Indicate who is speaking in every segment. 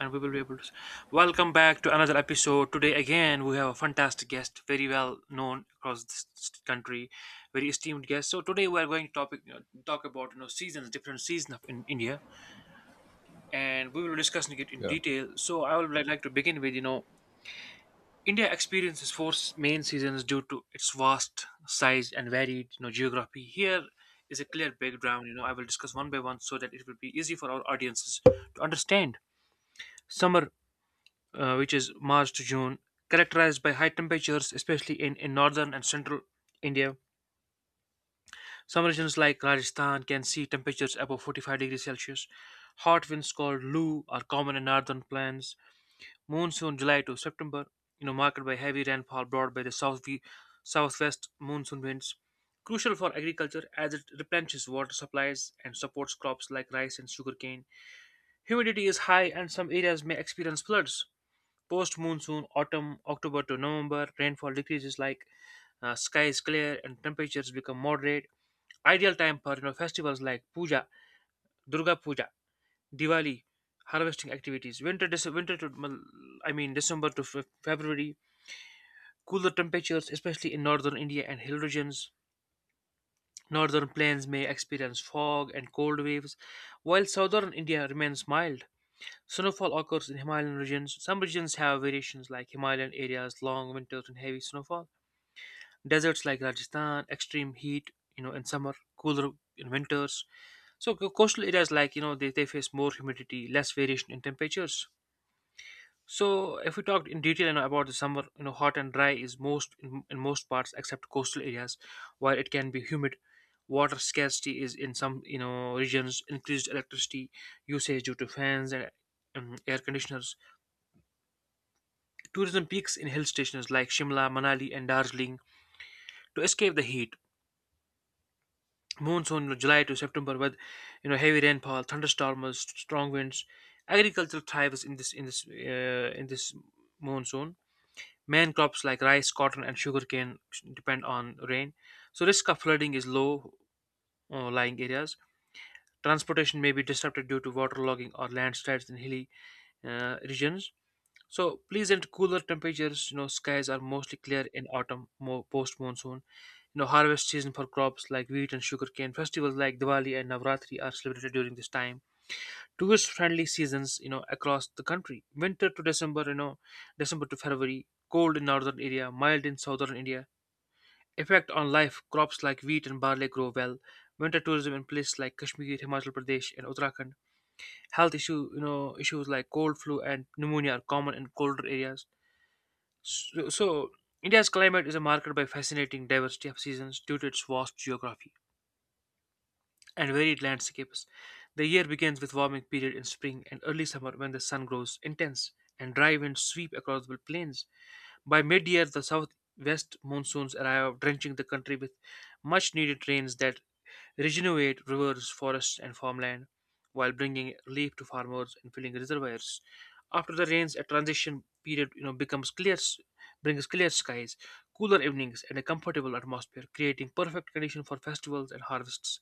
Speaker 1: And we will be able to. Welcome back to another episode. Today, again, we have a fantastic guest, very well known across this country, very esteemed guest. So today, we are going to talk about seasons, different seasons of in India, and we will be discussing it in
Speaker 2: Yeah.
Speaker 1: detail. So I would like to begin with India experiences main seasons due to its vast size and varied geography. Here is a clear background. You know I will discuss one by one so that it will be easy for our audiences to understand. Summer, which is March to June, characterized by high temperatures, especially in northern and central India. Some regions like Rajasthan can see temperatures above 45 degrees Celsius. Hot winds called Loo are common in northern plains. Monsoon July to September, marked by heavy rainfall brought by the southwest monsoon winds. Crucial for agriculture as it replenishes water supplies and supports crops like rice and sugarcane. Humidity is high and some areas may experience floods. Post monsoon, autumn, October to November, rainfall decreases. Sky is clear and temperatures become moderate. Ideal time for festivals like Puja, Durga Puja, Diwali, harvesting activities. Winter, Dece- winter to mal- I mean December to February, cooler temperatures, especially in northern India and hill regions. Northern plains may experience fog and cold waves, while southern India remains mild. Snowfall occurs in Himalayan regions. Some regions have variations like Himalayan areas, long winters, and heavy snowfall. Deserts like Rajasthan, extreme heat, in summer, cooler in winters. So coastal areas like, you know, they face more humidity, less variation in temperatures. So if we talked in detail, you know, about the summer, you know, hot and dry is most in most parts except coastal areas, while it can be humid. Water scarcity is in some, you know, regions, increased electricity usage due to fans and air conditioners. Tourism peaks in hill stations like Shimla, Manali, and Darjeeling to escape the heat. Monsoon, you know, July to September with heavy rainfall, thunderstorms, strong winds. Agriculture thrives in this monsoon. Main crops like rice, cotton, and sugarcane depend on rain. So risk of flooding is low, lying areas. Transportation may be disrupted due to waterlogging or landslides in hilly regions. So pleasant cooler temperatures, you know, skies are mostly clear in autumn, mo post monsoon. You know, harvest season for crops like wheat and sugarcane. Festivals like Diwali and Navratri are celebrated during this time. Tourist friendly seasons, you know, across the country. Winter to December, you know, December to February. Cold in northern India, mild in southern India. Effect on life crops like wheat and barley grow well. Winter tourism in places like Kashmir, Himachal Pradesh, and Uttarakhand. Health issue, you know, Issues like cold, flu, and pneumonia are common in colder areas. so, so, India's climate is marked by fascinating diversity of seasons due to its vast geography and varied landscapes. The year begins with warming period in spring and early summer when the sun grows intense and dry winds sweep across the plains. By mid year, the southwest monsoons arrive, drenching the country with much needed rains that regenerate rivers, forests, and farmland while bringing relief to farmers and filling reservoirs. After the rains, a transition period, brings clear skies, cooler evenings, and a comfortable atmosphere, creating perfect condition for festivals and harvests.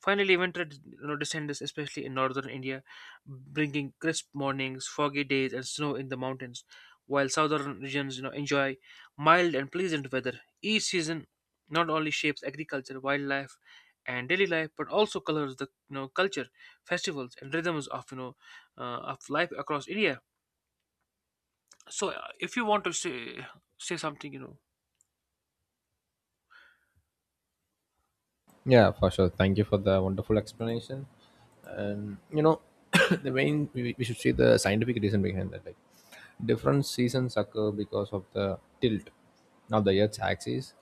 Speaker 1: Finally, winter, descends, especially in northern India, bringing crisp mornings, foggy days, and snow in the mountains, while southern regions, enjoy mild and pleasant weather. Each season not only shapes agriculture, wildlife, and daily life, but also colors the culture, festivals, and rhythms of uh, of life across India. So, if you want to say something, you know.
Speaker 2: Yeah, for sure. Thank you for the wonderful explanation. And you know, the main we should see the scientific reason behind that. Like different seasons occur because of the tilt of the Earth's axis,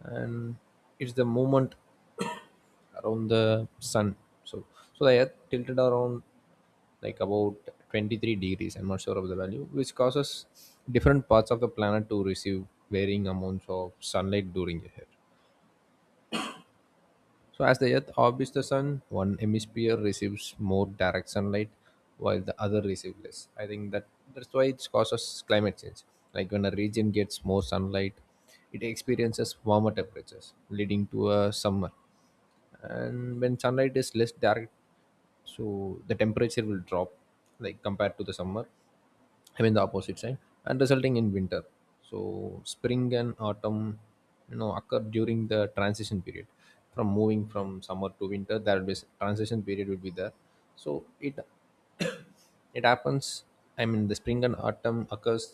Speaker 2: and it's the movement around the sun. So, so, the Earth tilted around like about 23 degrees. I'm not sure of the value, which causes different parts of the planet to receive varying amounts of sunlight during the year. So, as the Earth orbits the Sun, one hemisphere receives more direct sunlight, while the other receives less. I think that's why it causes climate change. Like when a region gets more sunlight, it experiences warmer temperatures, leading to a summer. And when sunlight is less direct, so the temperature will drop, like compared to the summer. I mean the opposite side, and resulting in winter. So spring and autumn, you know, occur during the transition period. From moving from summer to winter, there will be transition period will be there. So it happens. I mean the spring and autumn occurs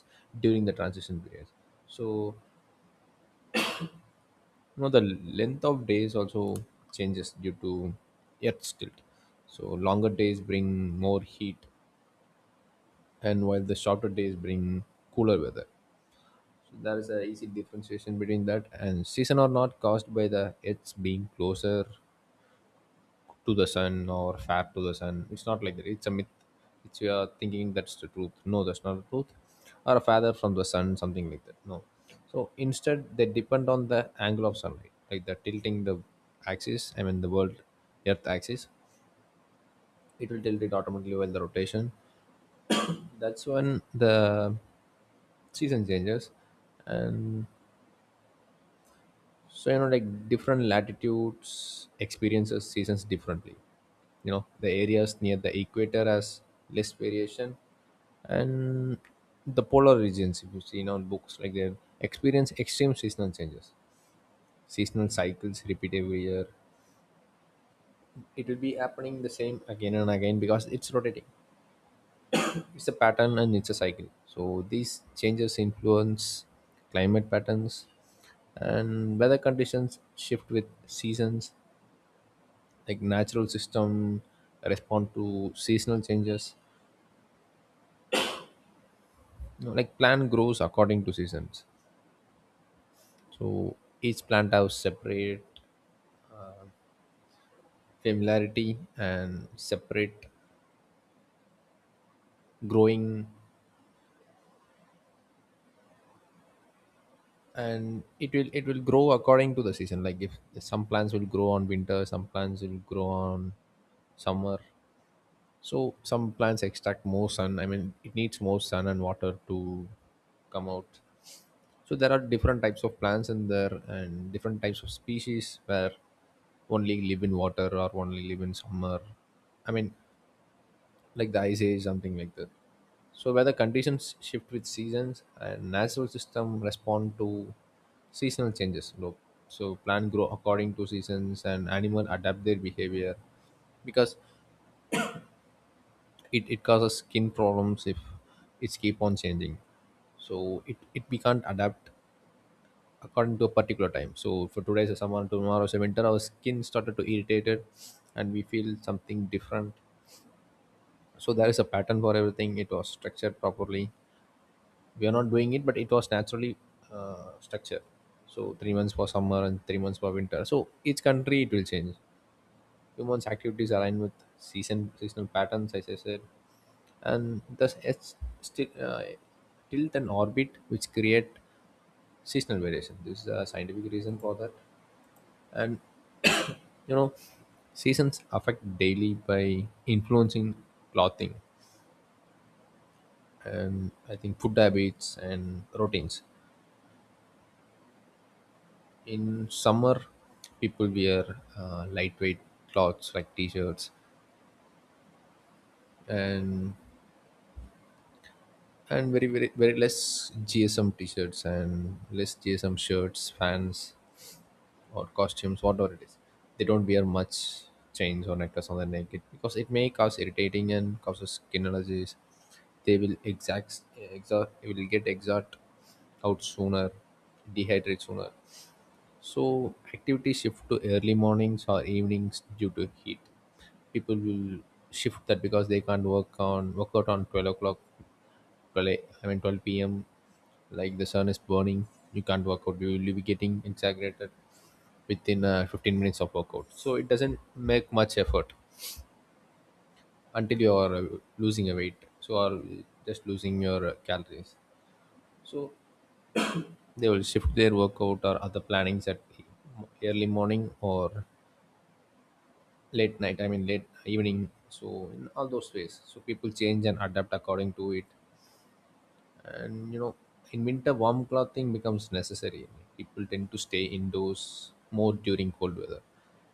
Speaker 2: during the transition period. So you know, the length of days also changes due to Earth's tilt. So longer days bring more heat, and while the shorter days bring cooler weather. So there is a easy differentiation between that, and season or not caused by the Earth's being closer to the sun or fat to the sun. It's not like that. It's a myth. It's you are thinking that's the truth. No, that's not the truth. Or a feather from the sun, something like that. No. So instead, they depend on the angle of sunlight, like the tilting the axis. I mean the world, Earth axis. It will tilt it automatically while the rotation. That's when the season changes. And so you know, like different latitudes experiences seasons differently. You know, the areas near the equator has less variation, and the polar regions, if you see in our books, like they experience extreme seasonal changes. Seasonal cycles repeat every year. It will be happening the same again and again because it's rotating. It's a pattern and it's a cycle. So these changes influence climate patterns, and weather conditions shift with seasons, like natural system respond to seasonal changes. You know, like plant grows according to seasons. So each plant has separate familiarity and separate growing, and it will grow according to the season. Like if some plants will grow on winter, some plants will grow on summer. So some plants extract more sun. I mean it needs more sun and water to come out. So there are different types of plants in there and different types of species where only live in water or only live in summer. I mean, like the ice age, something like that. So where the conditions shift with seasons and natural system respond to seasonal changes. Look, so plant grow according to seasons and animal adapt their behavior, because it causes skin problems if it's keep on changing. So it we can't adapt according to a particular time. So for today is summer, tomorrow is winter. Our skin started to irritated, and we feel something different. So there is a pattern for everything. It was structured properly. We are not doing it, but it was naturally structured. So 3 months for summer and 3 months for winter. So each country it will change. Humans' activities align with seasonal patterns, as I said, and thus it's still tilt and orbit which create seasonal variation. This is a scientific reason for that, and you know, seasons affect daily by influencing clothing, and I think food habits and routines. In summer, people wear lightweight clothes like t-shirts, and very very very less gsm t-shirts and less gsm shirts fans or costumes, whatever it is. They don't wear much chains or necklace on their neck it, because it may cause irritating and causes skin allergies. They will exact, exhaust, will get exhaust out sooner, dehydrate sooner. So activity shift to early mornings or evenings due to heat. People will shift that because they can't work on work out on 12 o'clock, 12, a- I mean 12 p.m. Like the sun is burning, you can't work out. You will be getting exaggerated within 15 minutes of workout, so it doesn't make much effort until you are losing a weight, so or just losing your calories. So they will shift their workout or other plannings at early morning or late night. I mean late evening. So in all those ways, so people change and adapt according to it. And you know, in winter warm clothing becomes necessary. People tend to stay indoors more during cold weather.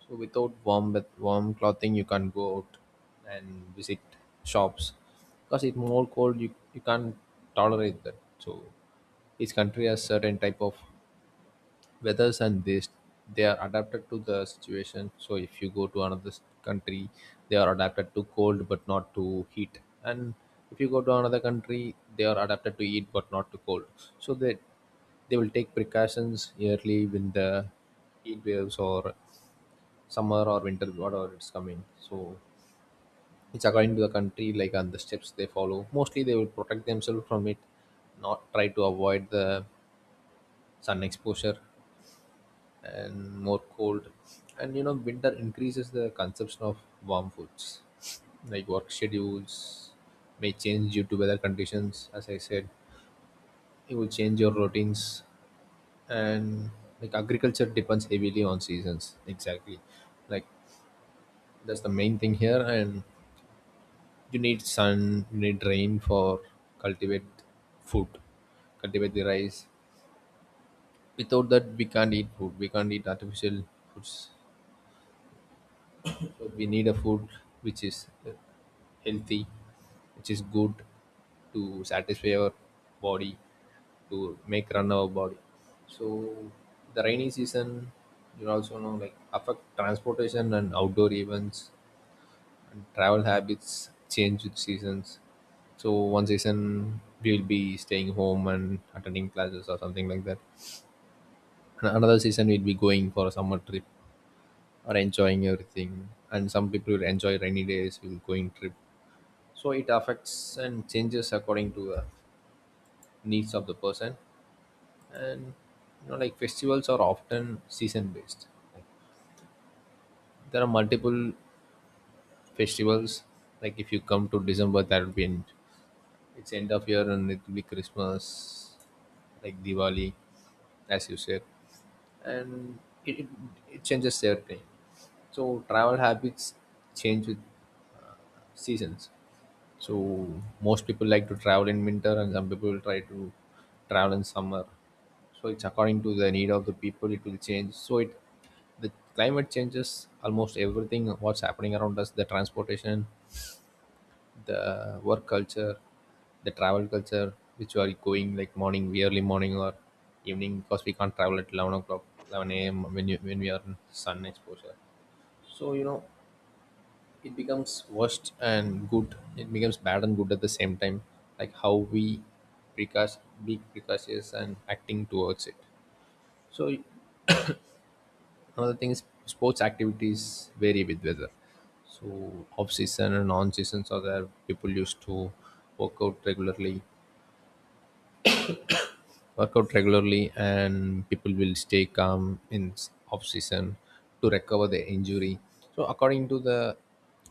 Speaker 2: So without warm clothing you can't go out and visit shops, because it's more cold. You can't tolerate that. So each country has certain type of weathers, and this they are adapted to the situation. So if you go to another country, they are adapted to cold but not to heat. And if you go to another country, they are adapted to heat but not to cold. So they will take precautions yearly when the heat waves or summer or winter, whatever it's coming. So it's according to the country, like and the steps they follow mostly they will protect themselves from it, not try to avoid the sun exposure and more cold. And you know, winter increases the consumption of warm foods, like work schedules may change due to weather conditions, as I said. It will change your routines. And like agriculture depends heavily on seasons exactly. Like that's the main thing here. And you need sun, you need rain for cultivate food, cultivate the rice. Without that, we can't eat food, we can't eat artificial foods. So we need a food which is healthy, which is good to satisfy our body, to make run our body. So the rainy season, you also know, like affect transportation and outdoor events, and travel habits change with seasons. So one season we'll be staying home and attending classes or something like that, and another season we'll be going for a summer trip or enjoying everything. And some people will enjoy rainy days will going trip. So it affects and changes according to needs of the person. And you know, like festivals are often season based. Like, there are multiple festivals. Like if you come to December, that will be end, it's end of year and it will be Christmas, like Diwali, as you said. And it, it, it changes every time. So travel habits change with seasons. So most people like to travel in winter and some people try to travel in summer. So it's according to the need of the people, it will change. So it the climate changes almost everything what's happening around us, the transportation, the work culture, the travel culture, which we are going like morning we early morning or evening, because we can't travel at 11 o'clock, 11 a.m when you when we are in sun exposure. So you know, it becomes worst and good, it becomes bad and good at the same time. Like how we precast, be precautious and acting towards it. So another thing is sports activities vary with weather. So off season and on seasons are there. People used to work out regularly, work out regularly, and people will stay calm in off season to recover their injury. So according to the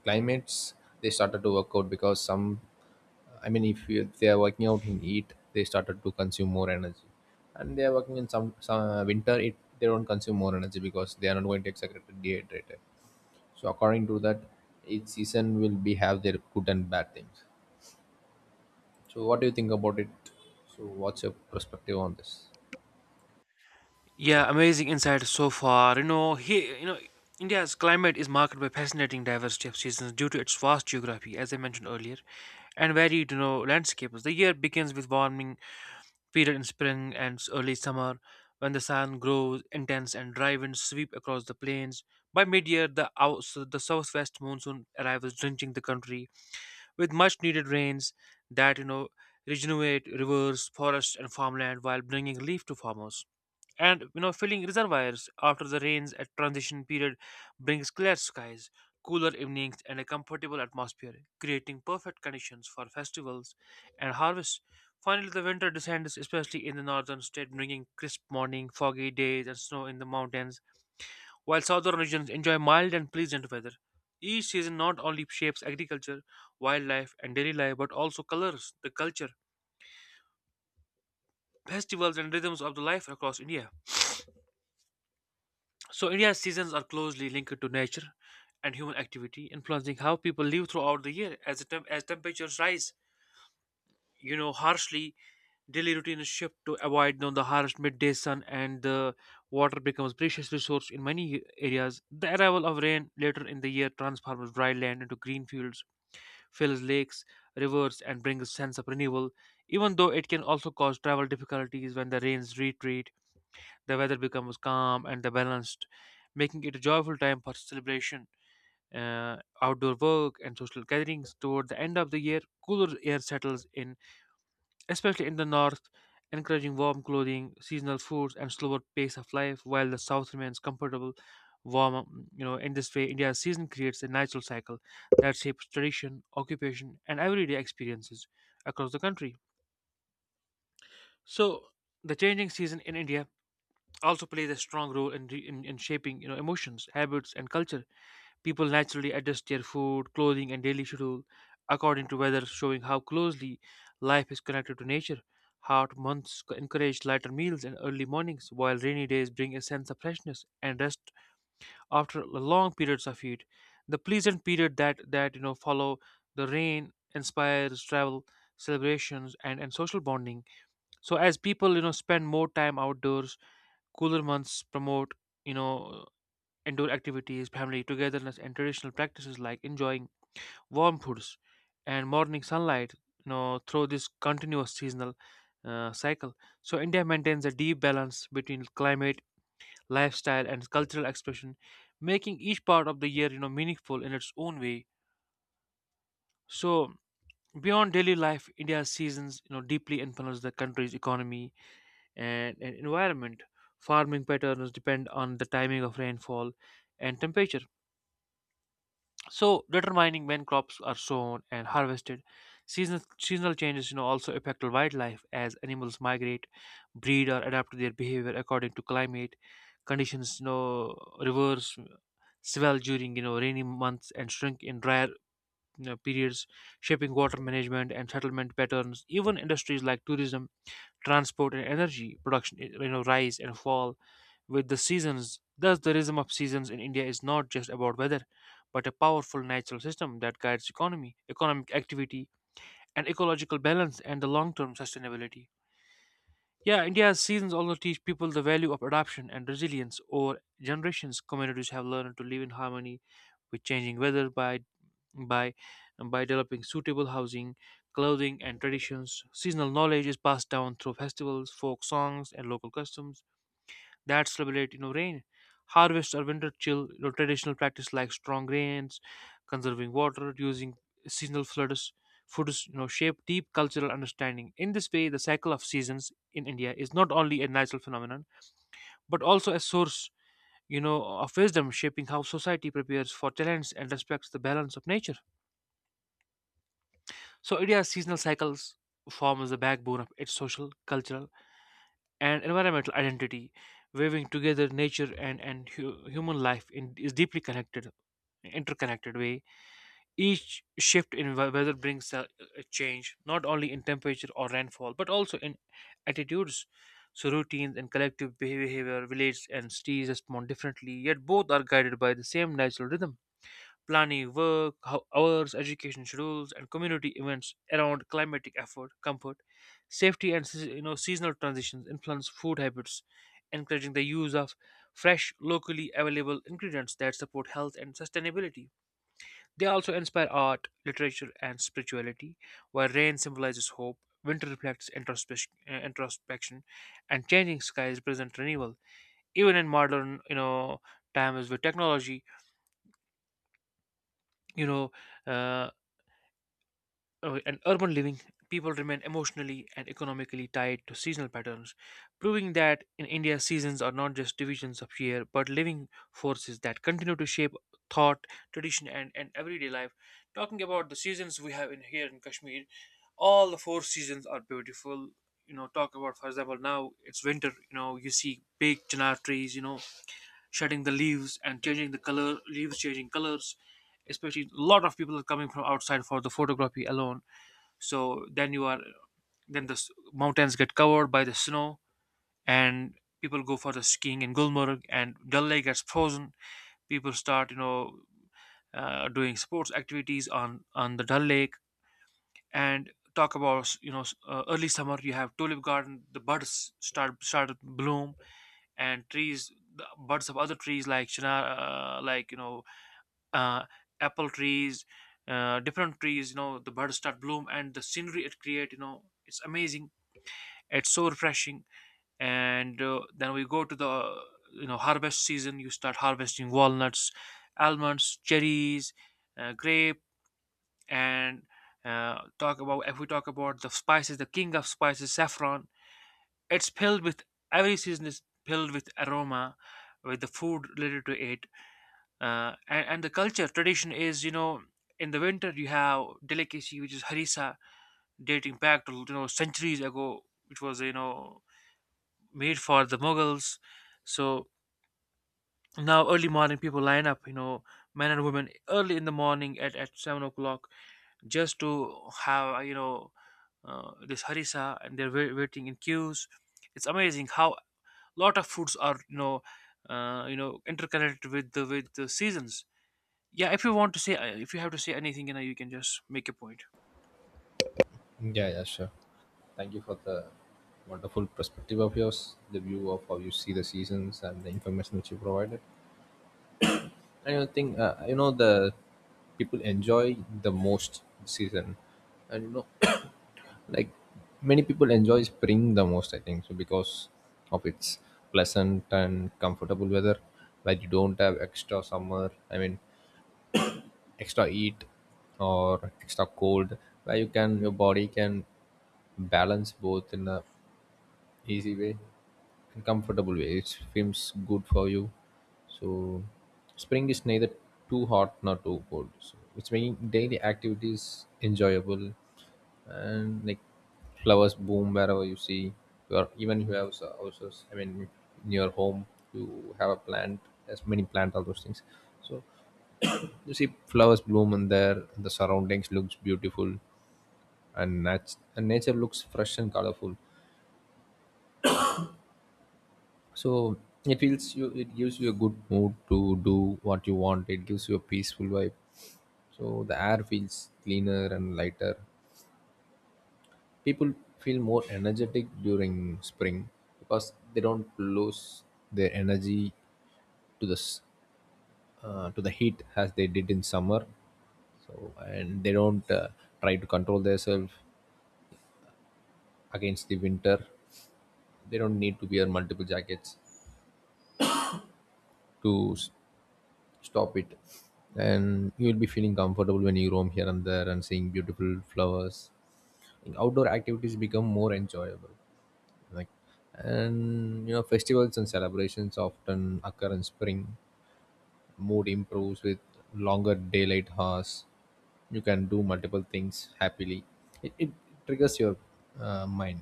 Speaker 2: climates, they started to work out because some, I mean, if you, they are working out in heat, they started to consume more energy, and they are working in some winter, it they don't consume more energy because they are not going to exaggerate dehydrated. So according to that, each season will be have their good and bad things. So what do you think about it? So what's your perspective on this?
Speaker 1: Yeah, amazing insight so far. India's climate is marked by fascinating diversity of seasons due to its vast geography, as I mentioned earlier, and varied, you know, landscapes. The year begins with warming period in spring and early summer, when the sun grows intense and dry winds sweep across the plains. By mid-year, the southwest monsoon arrives, drenching the country with much-needed rains that regenerate rivers, forests, and farmland while bringing relief to farmers and filling reservoirs. After the rains, at transition period, brings clear skies, cooler evenings, and a comfortable atmosphere, creating perfect conditions for festivals and harvests. Finally, the winter descends, especially in the northern state, bringing crisp morning, foggy days, and snow in the mountains, while southern regions enjoy mild and pleasant weather. Each season not only shapes agriculture, wildlife, and daily life, but also colors the culture, festivals, and rhythms of the life across India. So India's seasons are closely linked to nature and human activity, influencing how people live throughout the year. As temperatures rise, you know, harshly, daily routines shift to avoid, the harsh midday sun, and the water becomes precious resource in many areas. The arrival of rain later in the year transforms dry land into green fields, fills lakes, rivers, and brings a sense of renewal. Even though it can also cause travel difficulties when the rains retreat, the weather becomes calm and the balanced, making it a joyful time for celebration, outdoor work, and social gatherings. Toward the end of the year, cooler air settles in, especially in the north, encouraging warm clothing, seasonal foods, and slower pace of life, while the south remains comfortable, warm. You know, in this way, India's season creates a natural cycle that shapes tradition, occupation, and everyday experiences across the country. So, the changing season in India also plays a strong role in shaping, emotions, habits, and culture. People naturally adjust their food, clothing, and daily schedule according to weather, showing how closely life is connected to nature. Hot months encourage lighter meals and early mornings, while rainy days bring a sense of freshness and rest. After long periods of heat, the pleasant period that, follow the rain inspires travel, celebrations, and social bonding. So as people, spend more time outdoors. Cooler months promote, you know, indoor activities, family togetherness, and traditional practices like enjoying warm foods and morning sunlight, you know, through this continuous seasonal cycle. So India maintains a deep balance between climate, lifestyle, and cultural expression, making each part of the year, you know, meaningful in its own way. So beyond daily life, India's seasons, you know, deeply influence the country's economy, and environment. Farming patterns depend on the timing of rainfall and temperature, so determining when crops are sown and harvested. Seasonal changes, you know, also affect wildlife as animals migrate, breed, or adapt their behavior according to climate conditions. You know, rivers swell during, rainy months and shrink in drier, periods, shaping water management and settlement patterns. Even industries like tourism, transport, and energy production, you know, rise and fall with the seasons. Thus, the rhythm of seasons in India is not just about weather, but a powerful natural system that guides economic activity, and ecological balance and the long term sustainability. Yeah, India's seasons also teach people the value of adaptation and resilience. Over generations, communities have learned to live in harmony with changing weather by by developing suitable housing, clothing, and traditions. Seasonal knowledge is passed down through festivals, folk songs, and local customs that celebrate, rain, harvest, or winter chill. You know, traditional practice like strong rains, conserving water, using seasonal floods foods, you know, shape deep cultural understanding. In this way, the cycle of seasons in India is not only a natural phenomenon, but also a source, you know of wisdom, shaping how society prepares for talents and respects the balance of nature. So India's seasonal cycles form as the backbone of its social, cultural, and environmental identity, weaving together nature and human life in is deeply connected, interconnected way. Each shift in weather brings a change, not only in temperature or rainfall, but also in attitudes. So routines and collective behavior, villages and cities respond differently, yet both are guided by the same natural rhythm, planning work hours, education schedules, and community events around climatic effort, comfort, safety, and you know, seasonal transitions influence food habits, encouraging the use of fresh, locally available ingredients that support health and sustainability. They also inspire art, literature, and spirituality, where rain symbolizes hope, winter reflects introspection, and changing skies present renewal. Even in modern, you know, times with technology, you know. Uh, and urban living, people remain emotionally and economically tied to seasonal patterns, proving that in India, seasons are not just divisions of year but living forces that continue to shape thought, tradition, and everyday life. Talking about the seasons we have in here in Kashmir, all the four seasons are beautiful. You know, talk about, for example, now it's winter, you know, you see big chinar trees, you know, shedding the leaves and changing the color, leaves changing colors, especially a lot of people are coming from outside for the photography alone. So then you are Then the mountains get covered by the snow, and people go for the skiing in Gulmarg, and Dal Lake gets frozen. People start, you know, doing sports activities on the Dal Lake. And talk about, you know, early summer, you have tulip garden. The buds start to bloom, and trees, the buds of other trees like chinar, uh, like you know uh, apple trees, different trees, you know, the buds start bloom and the scenery it create, you know, it's amazing. It's so refreshing. And Then we go to the, you know, harvest season. You start harvesting walnuts, almonds, cherries, grape, and talk about if we talk about the spices, the king of spices, saffron. It's filled with Every season is filled with aroma, with the food related to it. And the culture tradition is, you know, in the winter you have delicacy which is harissa, dating back to, you know, centuries ago, which was, you know, made for the Mughals. So now early morning people line up, you know, men and women early in the morning at 7 o'clock just to have, this harissa, and they're waiting in queues. It's amazing how lot of foods are, interconnected with the seasons. Yeah, if you want to say if you have to say anything, you know, you can just make a point.
Speaker 2: Yeah, yeah, sure. Thank you for the wonderful perspective of yours, the view of how you see the seasons and the information which you provided. And I think you know the people enjoy the most season, and like many people enjoy spring the most I think so because of its pleasant and comfortable weather where you don't have extra summer extra heat or extra cold where your body can balance both in a easy way and comfortable way. It feels good for you. So spring is neither too hot nor too cold, so it's making daily activities enjoyable. And like, flowers bloom wherever you see. Your even you have houses, in your home you have a plant, as many plants, all those things. So you see flowers bloom in there, the surroundings looks beautiful, and nature looks fresh and colorful. So it feels you, it gives you a good mood to do what you want. It gives you a peaceful vibe, so the air feels cleaner and lighter. People feel more energetic during spring because they don't lose their energy to the to the heat as they did in summer. So, and they don't try to control themselves against the winter. They don't need to wear multiple jackets to stop it. And you'll be feeling comfortable when you roam here and there and seeing beautiful flowers. Outdoor activities become more enjoyable. Like, and festivals and celebrations often occur in spring. Mood improves with longer daylight hours. You can do multiple things happily. It triggers your mind.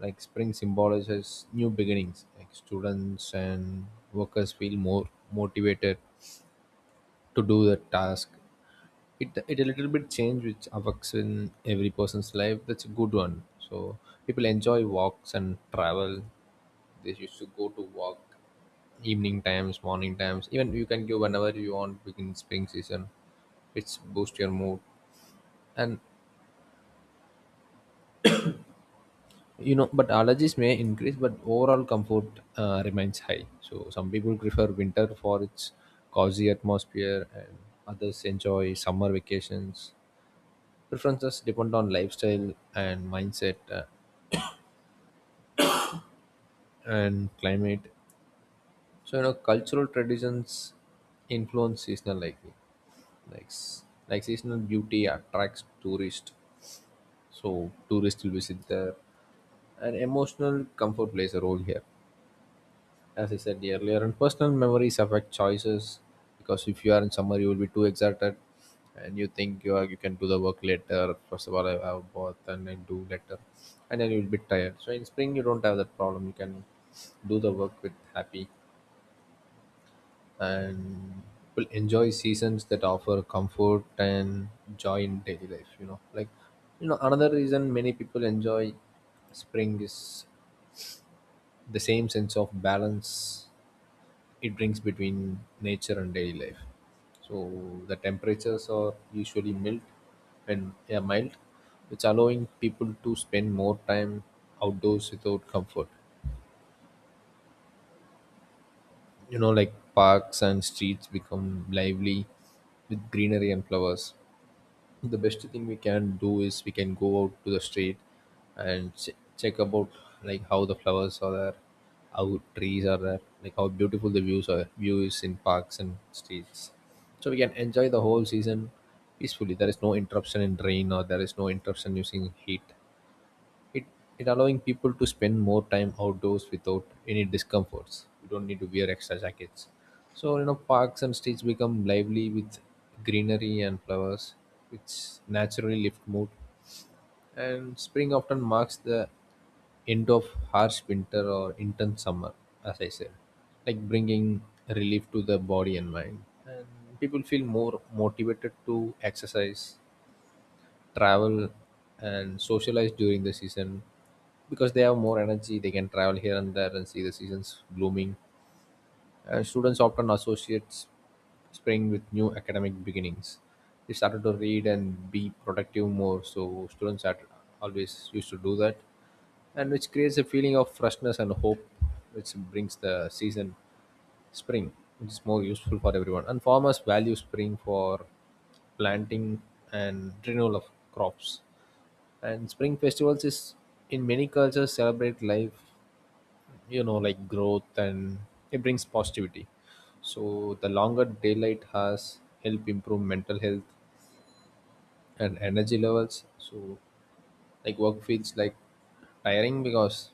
Speaker 2: Like spring symbolizes new beginnings, like students and workers feel more motivated to do the task. It a little bit change which affects in every person's life, that's a good one. So people enjoy walks and travel. They used to go to walk evening times, morning times, even you can go whenever you want within spring season. It's boost your mood. And but allergies may increase, but overall comfort remains high. So some people prefer winter for its cozy atmosphere and others enjoy summer vacations. Preferences depend on lifestyle and mindset and climate. So cultural traditions influence seasonal liking. Like s- like seasonal beauty attracts tourists, so tourists will visit there. And emotional comfort plays a role here, as I said earlier, and personal memories affect choices. Because if you are in summer you will be too excited, and you think you are, you can do the work later. First of all I have a bath and then do later, and then you will be tired. So in spring you don't have that problem, you can do the work with happy and will enjoy seasons that offer comfort and joy in daily life. You know, another reason many people enjoy spring is the same sense of balance it brings between nature and daily life. So the temperatures are usually mild, and yeah, mild, which allowing people to spend more time outdoors without comfort. Like parks and streets become lively with greenery and flowers. The best thing we can do is we can go out to the street and check about like how the flowers are there, how trees are there, like how beautiful the views are, views in parks and streets. So we can enjoy the whole season peacefully. There is no interruption in rain, or there is no interruption using heat. It it allowing people to spend more time outdoors without any discomforts. You don't need to wear extra jackets. So parks and streets become lively with greenery and flowers, which naturally lift mood. And spring often marks the end of harsh winter or intense summer, as I said, like bringing relief to the body and mind. And people feel more motivated to exercise, travel, and socialize during the season, because they have more energy. They can travel here and there and see the seasons blooming. Students often associate spring with new academic beginnings. They started to read and be productive more, so students are always used to do that. And which creates a feeling of freshness and hope, which brings the season spring, which is more useful for everyone. And farmers value spring for planting and renewal of crops. And spring festivals is in many cultures celebrate life, like growth, and it brings positivity. So the longer daylight has help improve mental health and energy levels. So like work feels like tiring because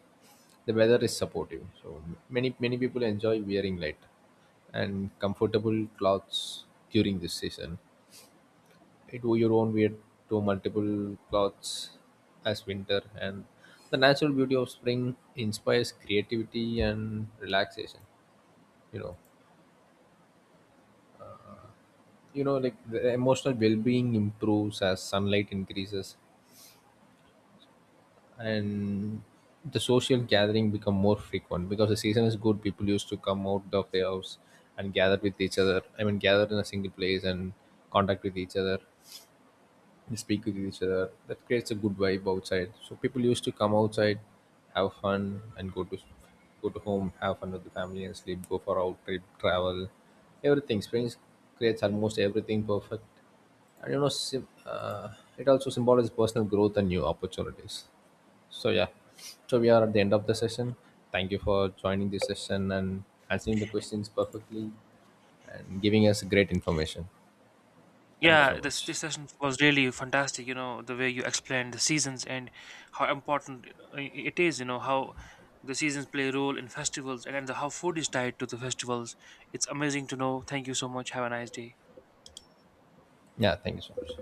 Speaker 2: the weather is supportive. So many people enjoy wearing light and comfortable clothes during this season. I do your own weird to multiple clothes as winter. And the natural beauty of spring inspires creativity and relaxation. You know you know like the emotional well-being improves as sunlight increases. And the social gathering become more frequent because the season is good. People used to come out of their house and gather with each other, gather in a single place and contact with each other. We speak with each other. That creates a good vibe outside. So people used to come outside, have fun, and go to home, have fun with the family, and sleep. Go for out trip, travel, everything. Springs creates almost everything perfect, and you know, it also symbolizes personal growth and new opportunities. So yeah, so we are at the end of the session. Thank you for joining this session and answering the questions perfectly and giving us great information. Thank you so
Speaker 1: Yeah, this
Speaker 2: much.
Speaker 1: this session was really fantastic. You know the way you explained the seasons and how important it is. You know how the seasons play a role in festivals, and how food is tied to the festivals. It's amazing to know. Thank you so much. Have a nice day.
Speaker 2: Yeah, thank you so much.